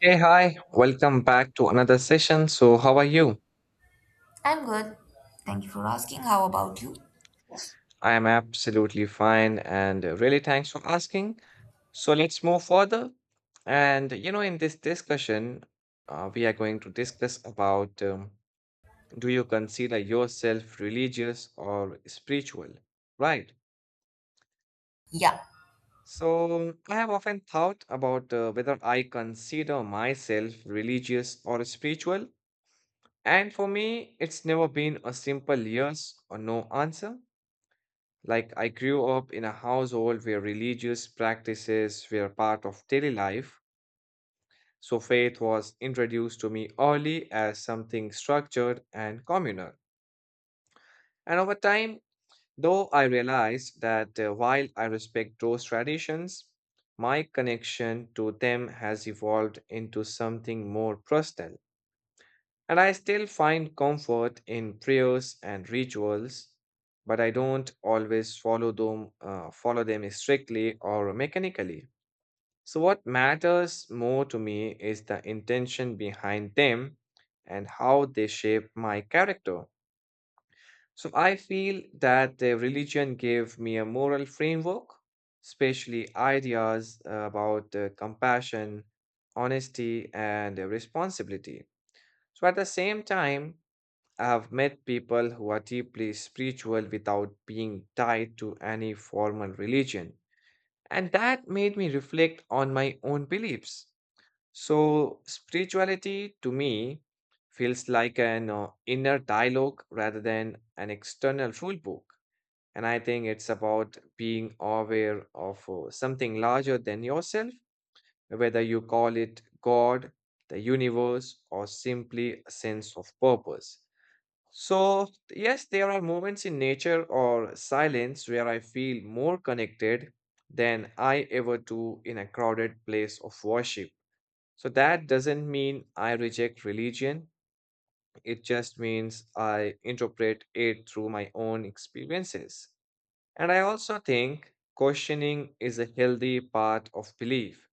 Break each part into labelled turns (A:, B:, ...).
A: Hey, hi, welcome back to another session. So, how are you?
B: I'm good. Thank you for asking. How about you?
A: I am absolutely fine and really thanks for asking. So, let's move further. And you know, in this discussion, we are going to discuss about do you consider yourself religious or spiritual? Right.
B: Yeah.
A: So, I have often thought about whether I consider myself religious or spiritual. And for me, it's never been a simple yes or no answer. Like, I grew up in a household where religious practices were part of daily life, so faith was introduced to me early as something structured and communal. And over time, though I realized that while I respect those traditions, my connection to them has evolved into something more personal. And I still find comfort in prayers and rituals, but I don't always follow them strictly or mechanically. So, what matters more to me is the intention behind them and how they shape my character. So, I feel that the religion gave me a moral framework, especially ideas about compassion, honesty, and responsibility. So, at the same time, I have met people who are deeply spiritual without being tied to any formal religion. And that made me reflect on my own beliefs. So, spirituality to me feels like an inner dialogue rather than an external rule book. And I think it's about being aware of something larger than yourself, whether you call it God, the universe, or simply a sense of purpose. So, yes, there are moments in nature or silence where I feel more connected than I ever do in a crowded place of worship. So, that doesn't mean I reject religion, it just means I interpret it through my own experiences. And I also think questioning is a healthy part of belief.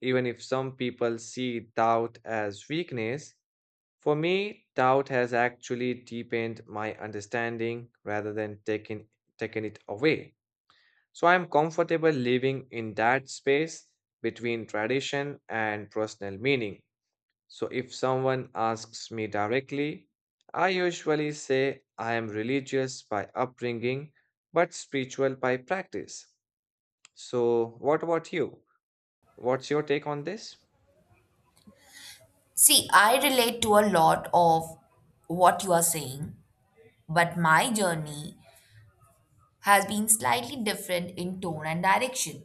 A: Even if some people see doubt as weakness, for me, doubt has actually deepened my understanding rather than taken it away. So I'm comfortable living in that space between tradition and personal meaning. So if someone asks me directly, I usually say I am religious by upbringing but spiritual by practice. So, what about you? What's your take on this?
B: See, I relate to a lot of what you are saying, but my journey has been slightly different in tone and direction.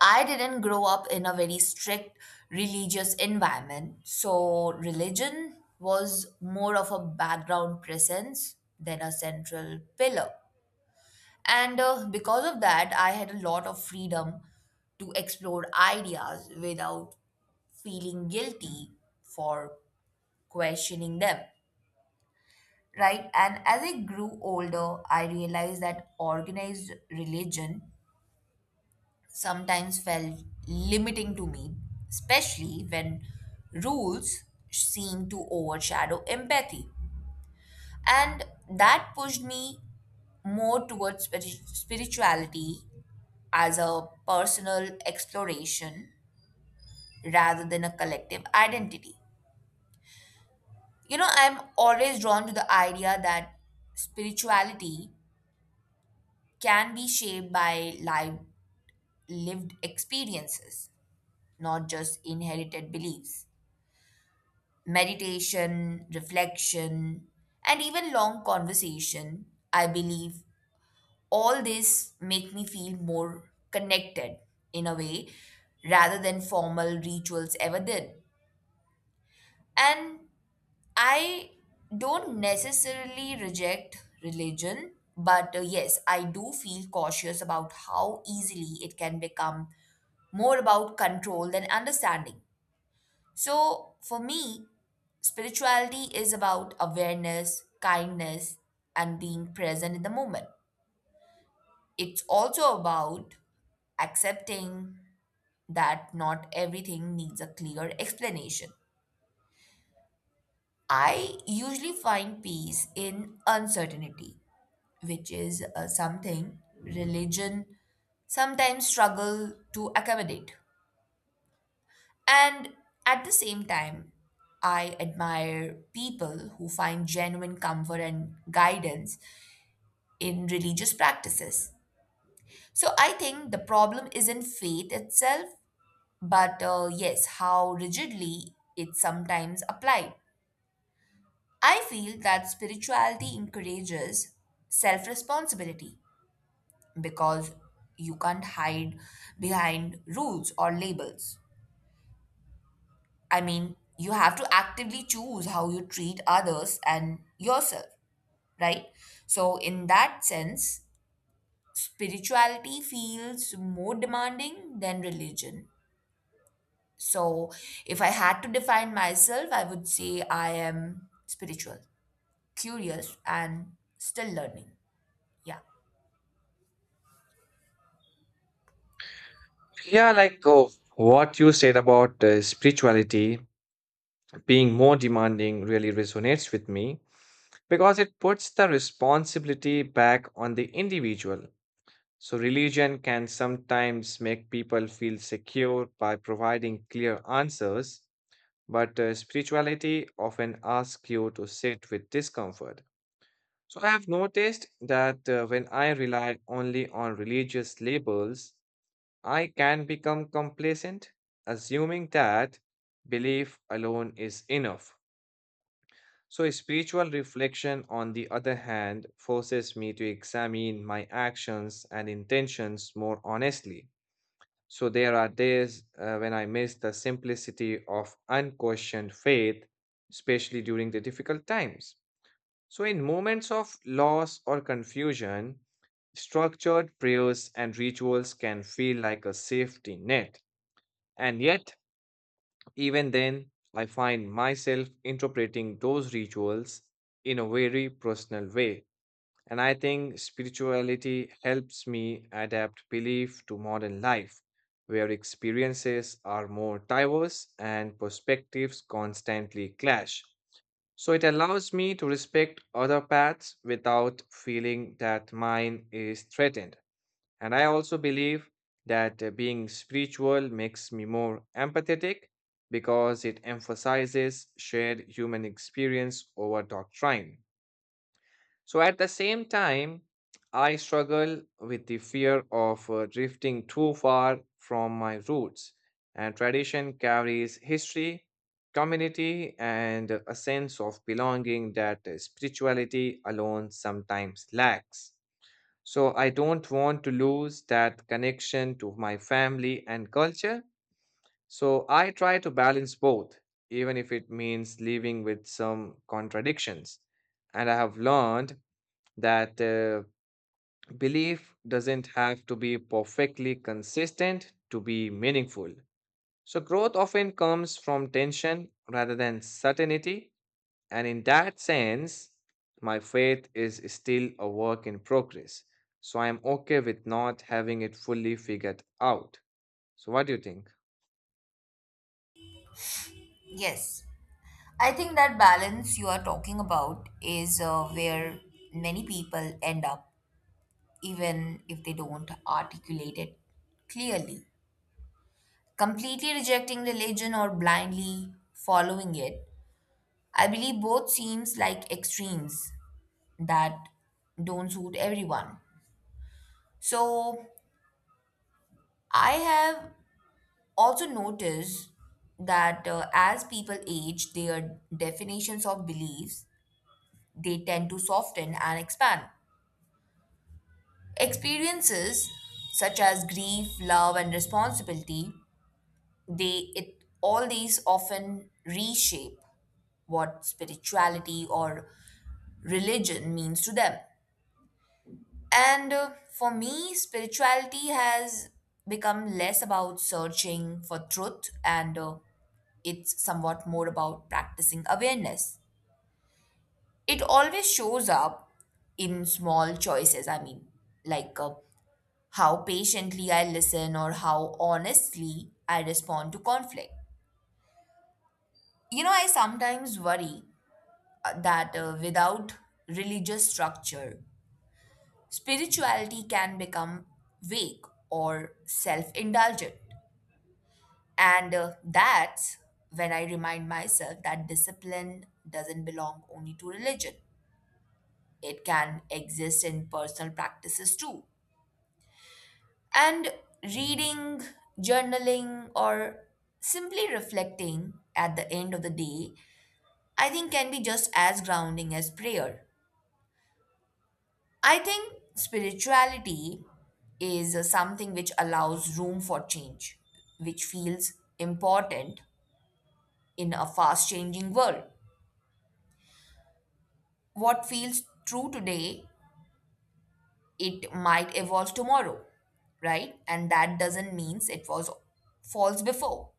B: I didn't grow up in a very strict religious environment, so religion was more of a background presence than a central pillar. And Because of that, I had a lot of freedom to explore ideas without feeling guilty for questioning them, right? And as I grew older, I realized that organized religion sometimes felt limiting to me, especially when rules seemed to overshadow empathy. And that pushed me more towards spirituality as a personal exploration rather than a collective identity. You know, I'm always drawn to the idea that spirituality can be shaped by lived experiences, not just inherited beliefs. Meditation, reflection, and even long conversation, I believe all this make me feel more connected in a way rather than formal rituals ever did. And I don't necessarily reject religion, but yes, I do feel cautious about how easily it can become more about control than understanding. So, for me, spirituality is about awareness, kindness, and being present in the moment. It's also about accepting that not everything needs a clear explanation. I usually find peace in uncertainty which is something religion sometimes struggle to accommodate. And at the same time, I admire people who find genuine comfort and guidance in religious practices. So I think the problem isn't faith itself, but yes, how rigidly it's sometimes applied. I feel that spirituality encourages self responsibility because you can't hide behind rules or labels. I mean, you have to actively choose how you treat others and yourself, right? So, in that sense, spirituality feels more demanding than religion. So, if I had to define myself, I would say I am spiritual, curious, and still learning. Yeah.
A: Yeah, like oh, what you said about spirituality being more demanding really resonates with me because it puts the responsibility back on the individual. So, religion can sometimes make people feel secure by providing clear answers, but spirituality often asks you to sit with discomfort. So, I have noticed that when I rely only on religious labels, I can become complacent, assuming that belief alone is enough. So, spiritual reflection, on the other hand, forces me to examine my actions and intentions more honestly. So, there are days when I miss the simplicity of unquestioned faith, especially during the difficult times. So, in moments of loss or confusion, structured prayers and rituals can feel like a safety net. And yet, even then, I find myself interpreting those rituals in a very personal way. And I think spirituality helps me adapt belief to modern life, where experiences are more diverse and perspectives constantly clash. So it allows me to respect other paths without feeling that mine is threatened. And I also believe that being spiritual makes me more empathetic because it emphasizes shared human experience over doctrine. So at the same time, I struggle with the fear of drifting too far from my roots. And tradition carries history, community, and a sense of belonging that spirituality alone sometimes lacks. So I don't want to lose that connection to my family and culture. So I try to balance both, even if it means living with some contradictions. And I have learned that belief doesn't have to be perfectly consistent to be meaningful. So growth often comes from tension rather than certainty. And in that sense, my faith is still a work in progress. So I'm okay with not having it fully figured out. So, what do you think?
B: Yes. I think that balance you are talking about is where many people end up, even if they don't articulate it clearly. Completely rejecting religion or blindly following it, I believe both seems like extremes that don't suit everyone. So, I have also noticed that as people age, their definitions of beliefs they tend to soften and expand, experiences such as grief, love and responsibility, they it all these often reshape what spirituality or religion means to them. And For me spirituality has become less about searching for truth, and it's somewhat more about practicing awareness. It always shows up in small choices. I mean, like how patiently I listen or how honestly I respond to conflict. You know, I sometimes worry that without religious structure, spirituality can become vague or self indulgent. And That's when I remind myself that discipline doesn't belong only to religion, it can exist in personal practices too. And reading, journaling, or simply reflecting at the end of the day, I think can be just as grounding as prayer. I think spirituality is something which allows room for change, which feels important in a fast changing world. What feels true today, it might evolve tomorrow, right? And that doesn't mean it was false before.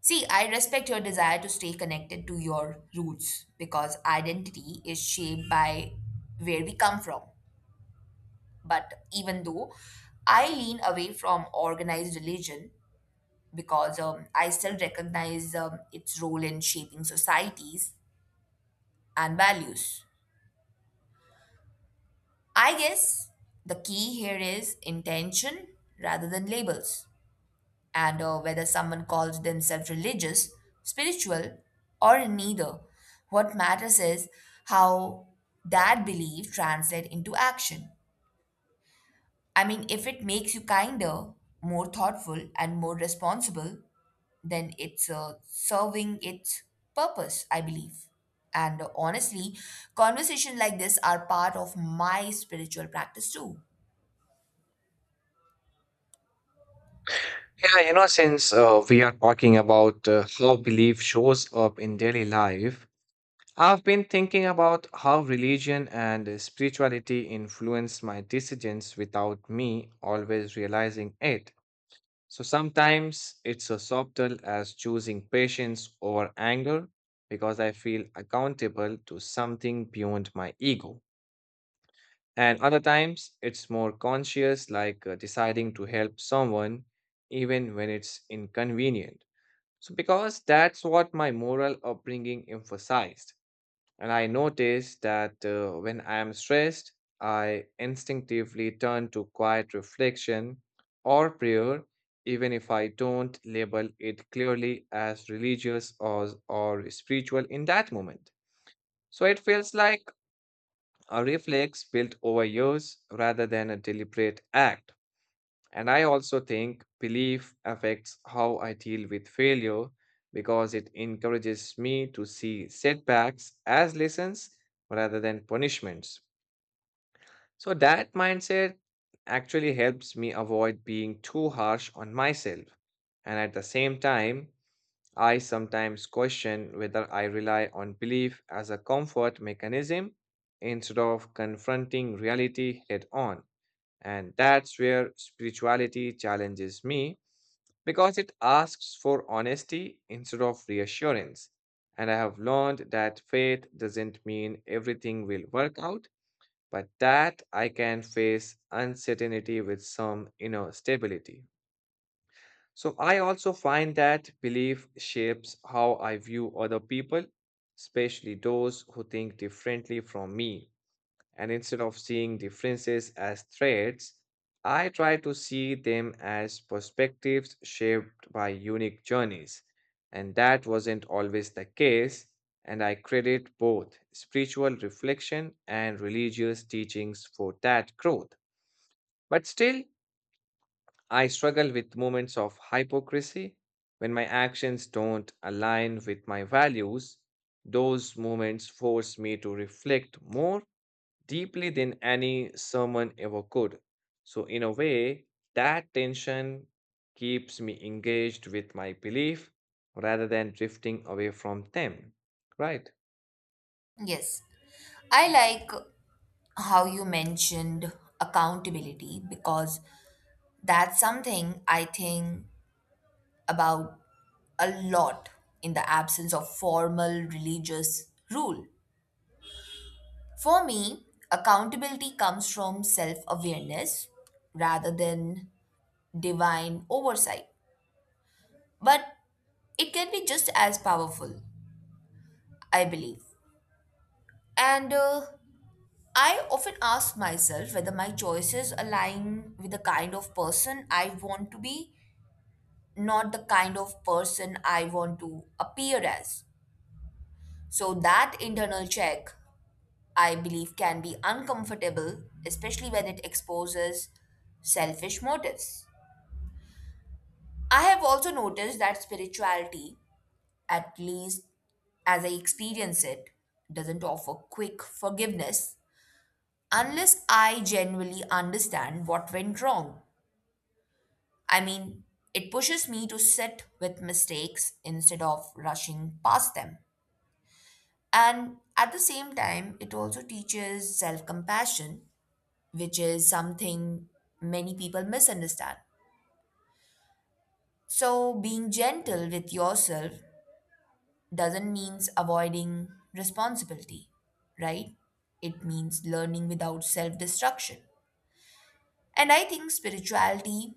B: See, I respect your desire to stay connected to your roots because identity is shaped by where we come from. But even though I lean away from organized religion, because I still recognize its role in shaping societies and values, I guess the key here is intention rather than labels. And whether someone calls themselves religious, spiritual, or neither. What matters is how that belief translates into action. I mean, if it makes you kinder, more thoughtful, and more responsible, then it's serving its purpose, I believe. And Honestly, conversations like this are part of my spiritual practice too.
A: Yeah, you know, since we are talking about how belief shows up in daily life, I've been thinking about how religion and spirituality influence my decisions without me always realizing it. So sometimes it's as subtle as choosing patience over anger because I feel accountable to something beyond my ego. And other times it's more conscious, like deciding to help someone even when it's inconvenient. So, because that's what my moral upbringing emphasized. And I notice that when I am stressed, I instinctively turn to quiet reflection or prayer, even if I don't label it clearly as religious or spiritual in that moment. So it feels like a reflex built over years rather than a deliberate act. And I also think belief affects how I deal with failure because it encourages me to see setbacks as lessons rather than punishments. So that mindset actually helps me avoid being too harsh on myself. And at the same time, I sometimes question whether I rely on belief as a comfort mechanism instead of confronting reality head on. And that's where spirituality challenges me because it asks for honesty instead of reassurance. And I have learned that faith doesn't mean everything will work out, but that I can face uncertainty with some inner stability. So I also find that belief shapes how I view other people, especially those who think differently from me. And instead of seeing differences as threats, I try to see them as perspectives shaped by unique journeys. And that wasn't always the case, and I credit both spiritual reflection and religious teachings for that growth. But still, I struggle with moments of hypocrisy when my actions don't align with my values. Those moments force me to reflect more deeply than any sermon ever could. So, in a way, that tension keeps me engaged with my belief rather than drifting away from them. Right.
B: Yes. I like how you mentioned accountability because that's something I think about a lot in the absence of formal religious rule. For me, accountability comes from self awareness rather than divine oversight. But it can be just as powerful, I believe. And I often ask myself whether my choices align with the kind of person I want to be, not the kind of person I want to appear as. So that internal check, I believe, can be uncomfortable, especially when it exposes selfish motives. I have also noticed that spirituality, at least as I experience it, doesn't offer quick forgiveness unless I genuinely understand what went wrong. I mean, it pushes me to sit with mistakes instead of rushing past them. And at the same time, it also teaches self compassion which is something many people misunderstand. So, being gentle with yourself doesn't mean avoiding responsibility, right? It means learning without self destruction. And I think spirituality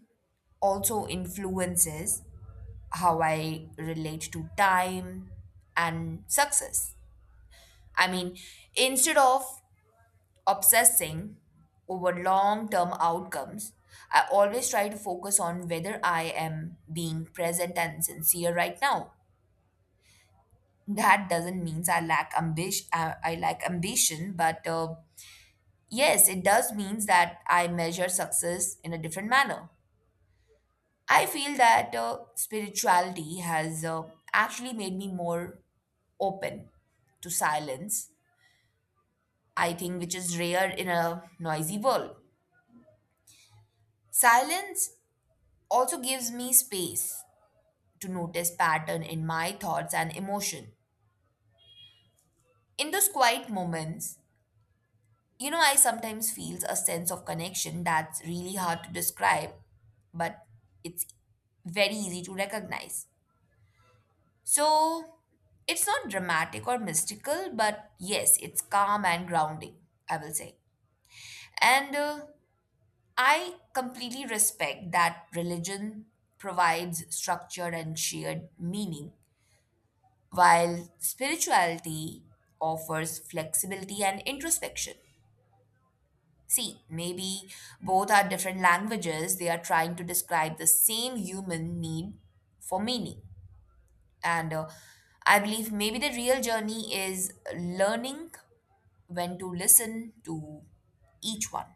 B: also influences how I relate to time and success. I mean, instead of obsessing over long term outcomes, I always try to focus on whether I am being present and sincere right now. That doesn't mean I lack ambition. I lack ambition, but yes, it does means that I measure success in a different manner. I feel that spirituality has actually made me more open to silence. I think which is rare in a noisy world. Silence also gives me space to notice pattern in my thoughts and emotion. In those quiet moments, you know, I sometimes feel a sense of connection that's really hard to describe, but it's very easy to recognize. So, it's not dramatic or mystical, but yes, it's calm and grounding, I will say. And I completely respect that religion provides structure and shared meaning while spirituality offers flexibility and introspection. See, maybe both are different languages, they are trying to describe the same human need for meaning. And I believe maybe the real journey is learning when to listen to each one,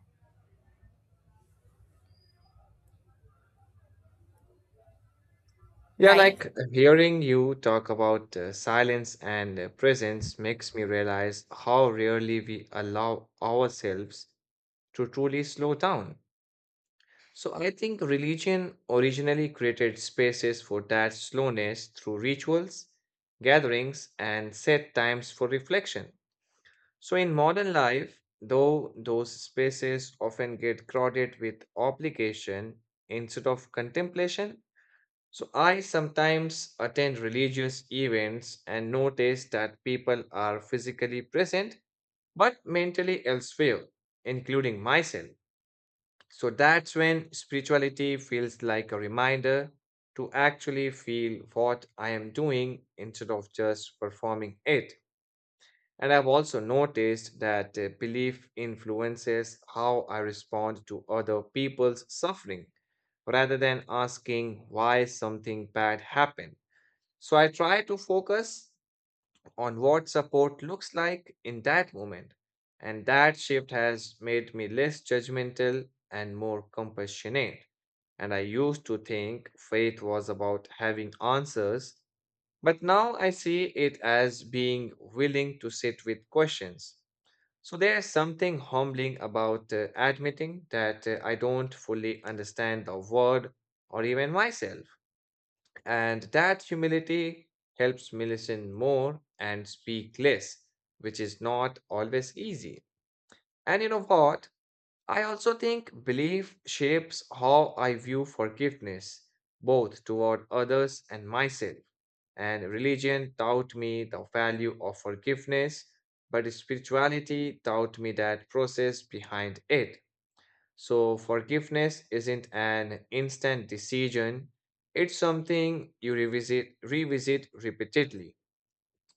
A: Yeah,
B: right?
A: like hearing you talk about silence and presence makes me realize how rarely we allow ourselves to truly slow down. So I think religion originally created spaces for that slowness through rituals, gatherings, and set times for reflection. So in modern life, though those spaces often get crowded with obligation instead of contemplation, so I sometimes attend religious events and notice that people are physically present but mentally elsewhere, including myself. So that's when spirituality feels like a reminder to actually feel what I am doing instead of just performing it. And I've also noticed that belief influences how I respond to other people's suffering rather than asking why something bad happened. So I try to focus on what support looks like in that moment. And that shift has made me less judgmental and more compassionate. And I used to think faith was about having answers, but now I see it as being willing to sit with questions. So there's something humbling about admitting that I don't fully understand the world or even myself. And that humility helps me listen more and speak less, which is not always easy. And you know what? I also think belief shapes how I view forgiveness, both toward others and myself. And religion taught me the value of forgiveness, but spirituality taught me that process behind it. So, forgiveness isn't an instant decision, it's something you revisit repeatedly.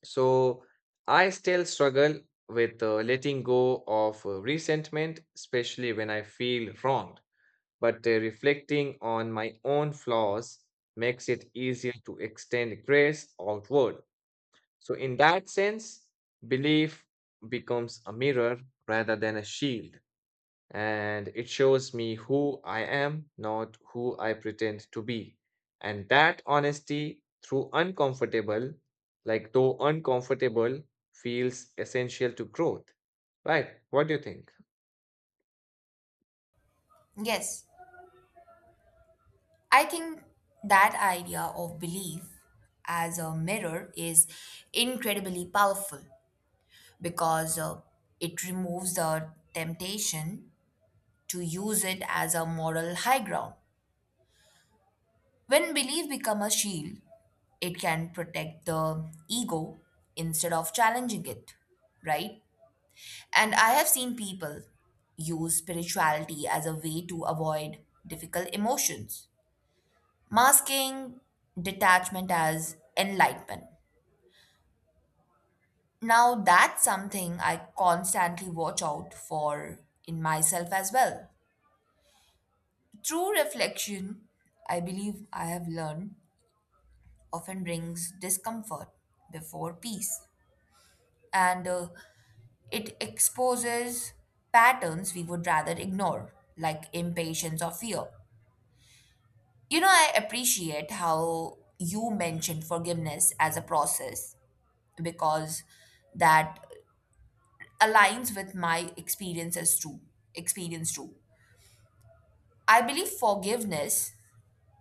A: So, I still struggle with letting go of resentment, especially when I feel wronged. But reflecting on my own flaws makes it easier to extend grace outward. So, in that sense, belief becomes a mirror rather than a shield and it shows me who I am, not who I pretend to be. And that honesty, through uncomfortable, like though uncomfortable, feels essential to growth. Right? What do you think?
B: Yes. I think that idea of belief as a mirror is incredibly powerful because it removes the temptation to use it as a moral high ground. When belief becomes a shield, it can protect the ego instead of challenging it, right? And I have seen people use spirituality as a way to avoid difficult emotions, masking detachment as enlightenment. Now, that's something I constantly watch out for in myself as well. True reflection, I believe I have learned, often brings discomfort before peace, and it exposes patterns we would rather ignore, like impatience or fear. You know, I appreciate how you mentioned forgiveness as a process because that aligns with my experience as true experience too. I believe forgiveness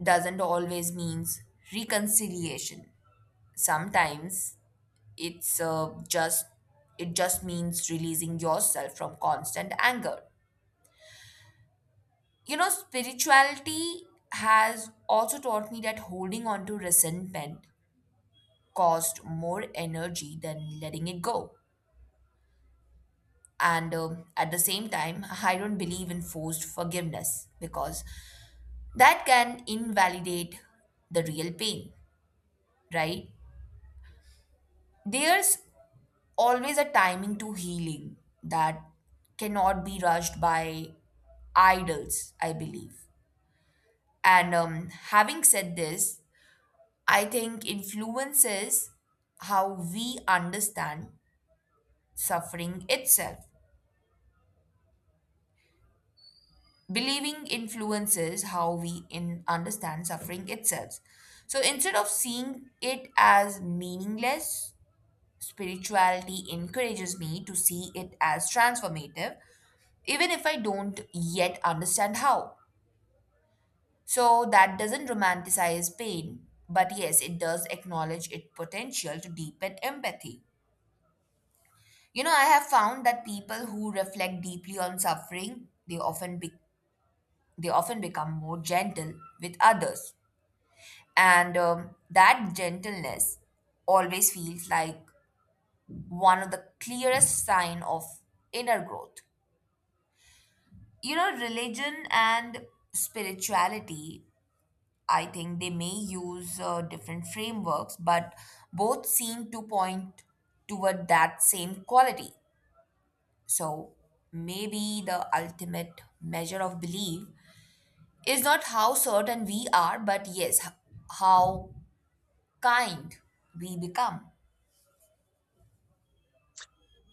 B: doesn't always means reconciliation, sometimes it's just it just means releasing yourself from constant anger. You know, spirituality has also taught me that holding on to resentment cost more energy than letting it go. And at the same time, I don't believe in forced forgiveness because that can invalidate the real pain, right? There's always a timing to healing that cannot be rushed by idols, I believe. And Having said this, I think influences how we understand suffering itself. Believing influences how we in understand suffering itself. So instead of seeing it as meaningless, spirituality encourages me to see it as transformative, even if I don't yet understand how. So that doesn't romanticize pain, but yes, it does acknowledge its potential to deepen empathy. You know, I have found that people who reflect deeply on suffering, they often become more gentle with others, and that gentleness always feels like one of the clearest sign of inner growth. You know, religion and spirituality I think they may use different frameworks, but both seem to point toward that same quality. So maybe the ultimate measure of belief is not how certain we are, but yes, how kind we become.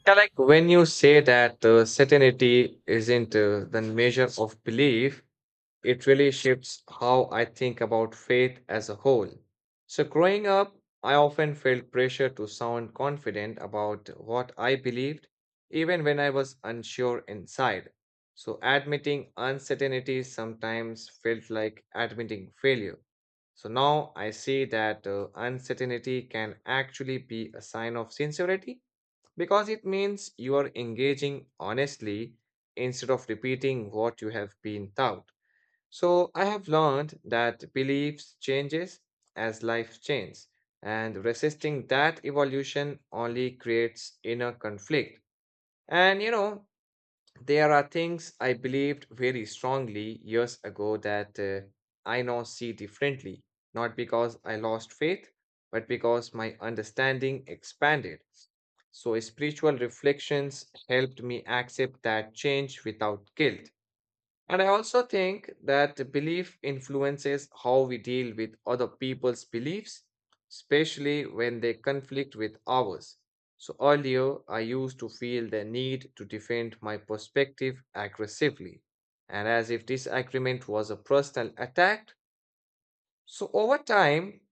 A: Yeah, like when you say that certainty isn't the measure of belief, it really shifts how I think about faith as a whole. So, growing up, I often felt pressure to sound confident about what I believed, even when I was unsure inside. So, admitting uncertainty sometimes felt like admitting failure. So, now I see that uncertainty can actually be a sign of sincerity because it means you are engaging honestly instead of repeating what you have been taught. So I have learned that beliefs changes as life changes, and resisting that evolution only creates inner conflict. And you know, there are things I believed very strongly years ago that I now see differently, not because I lost faith, but because my understanding expanded. So spiritual reflections helped me accept that change without guilt. And I also think that belief influences how we deal with other people's beliefs, especially when they conflict with ours. So earlier, I used to feel the need to defend my perspective aggressively, and as if disagreement was a personal attack. So over time,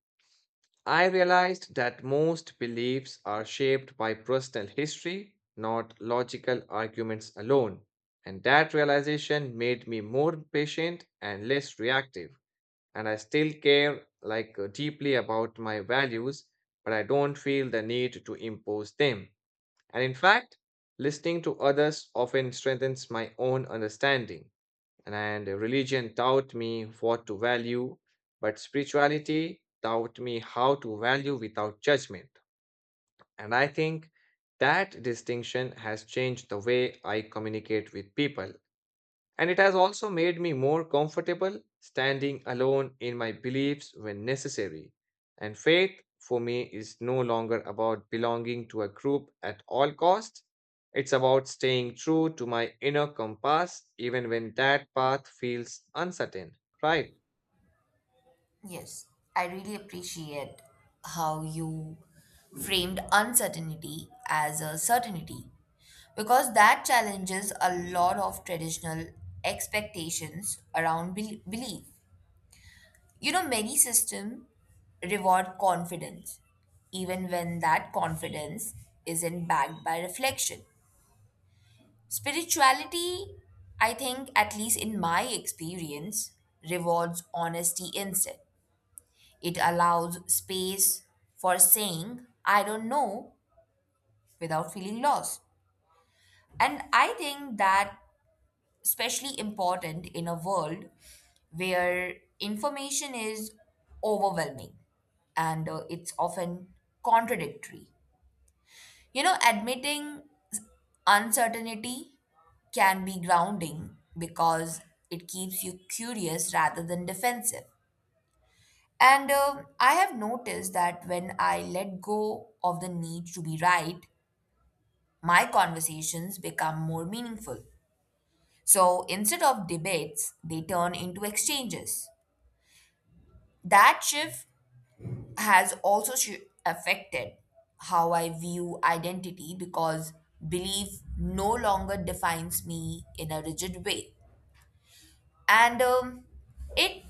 A: I realized that most beliefs are shaped by personal history, not logical arguments alone. And that realization made me more patient and less reactive. And I still care like deeply about my values, but I don't feel the need to impose them. And in fact, listening to others often strengthens my own understanding and religion taught me what to value, but spirituality taught me how to value without judgment. And I think that distinction has changed the way I communicate with people. And it has also made me more comfortable standing alone in my beliefs when necessary. And faith for me is no longer about belonging to a group at all costs. It's about staying true to my inner compass even when that path feels uncertain. Right.
B: Yes, I really appreciate how you framed uncertainty as a certainty because that challenges a lot of traditional expectations around belief. You know, many systems reward confidence, even when that confidence isn't backed by reflection. Spirituality, I think, at least in my experience, rewards honesty instead. It allows space for saying, I don't know, without feeling lost. And I think that especially important in a world where information is overwhelming and it's often contradictory. You know, admitting uncertainty can be grounding because it keeps you curious rather than defensive. And I have noticed that when I let go of the need to be right, my conversations become more meaningful. So instead of debates, they turn into exchanges. That shift has also affected how I view identity because belief no longer defines me in a rigid way. And It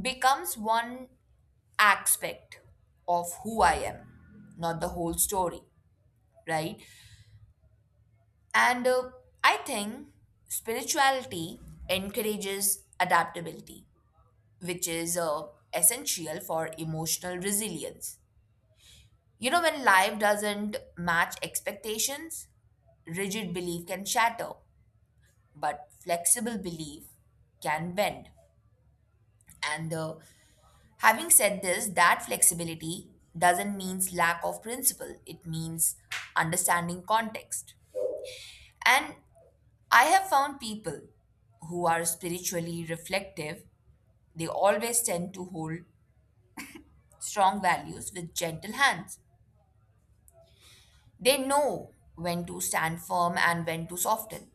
B: becomes one aspect of who I am, not the whole story, right? And I think spirituality encourages adaptability, which is essential for emotional resilience. You know, when life doesn't match expectations, rigid belief can shatter, but flexible belief can bend. And Having said this, that flexibility doesn't mean lack of principle, it means understanding context. And I have found people who are spiritually reflective, they always tend to hold strong values with gentle hands. They know when to stand firm and when to soften.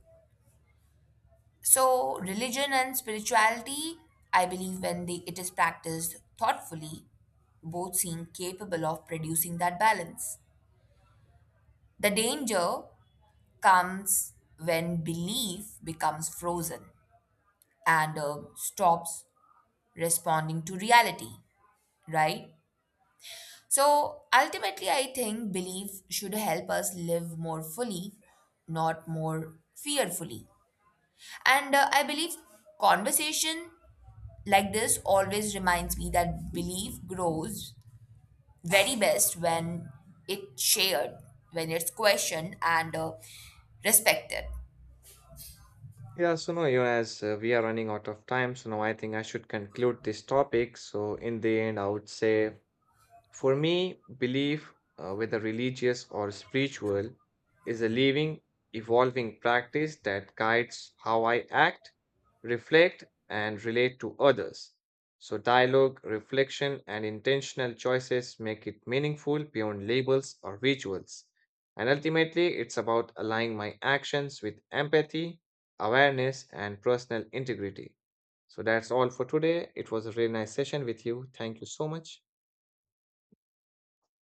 B: So, religion and spirituality, I believe, when they, it is practiced thoughtfully, both seem capable of producing that balance. The danger comes when belief becomes frozen and stops responding to reality, right? So ultimately, I think belief should help us live more fully, not more fearfully. And I believe conversation like this always reminds me that belief grows very best when it's shared, when it's questioned and respected.
A: Yeah, so now, you know, as we are running out of time, so now I think I should conclude this topic. So, in the end, I would say for me, belief, whether religious or spiritual, is a living, evolving practice that guides how I act, reflect, and relate to others. So, dialogue, reflection, and intentional choices make it meaningful beyond labels or rituals. And ultimately, it's about aligning my actions with empathy, awareness, and personal integrity. So, that's all for today. It was a really nice session with you. Thank you so much.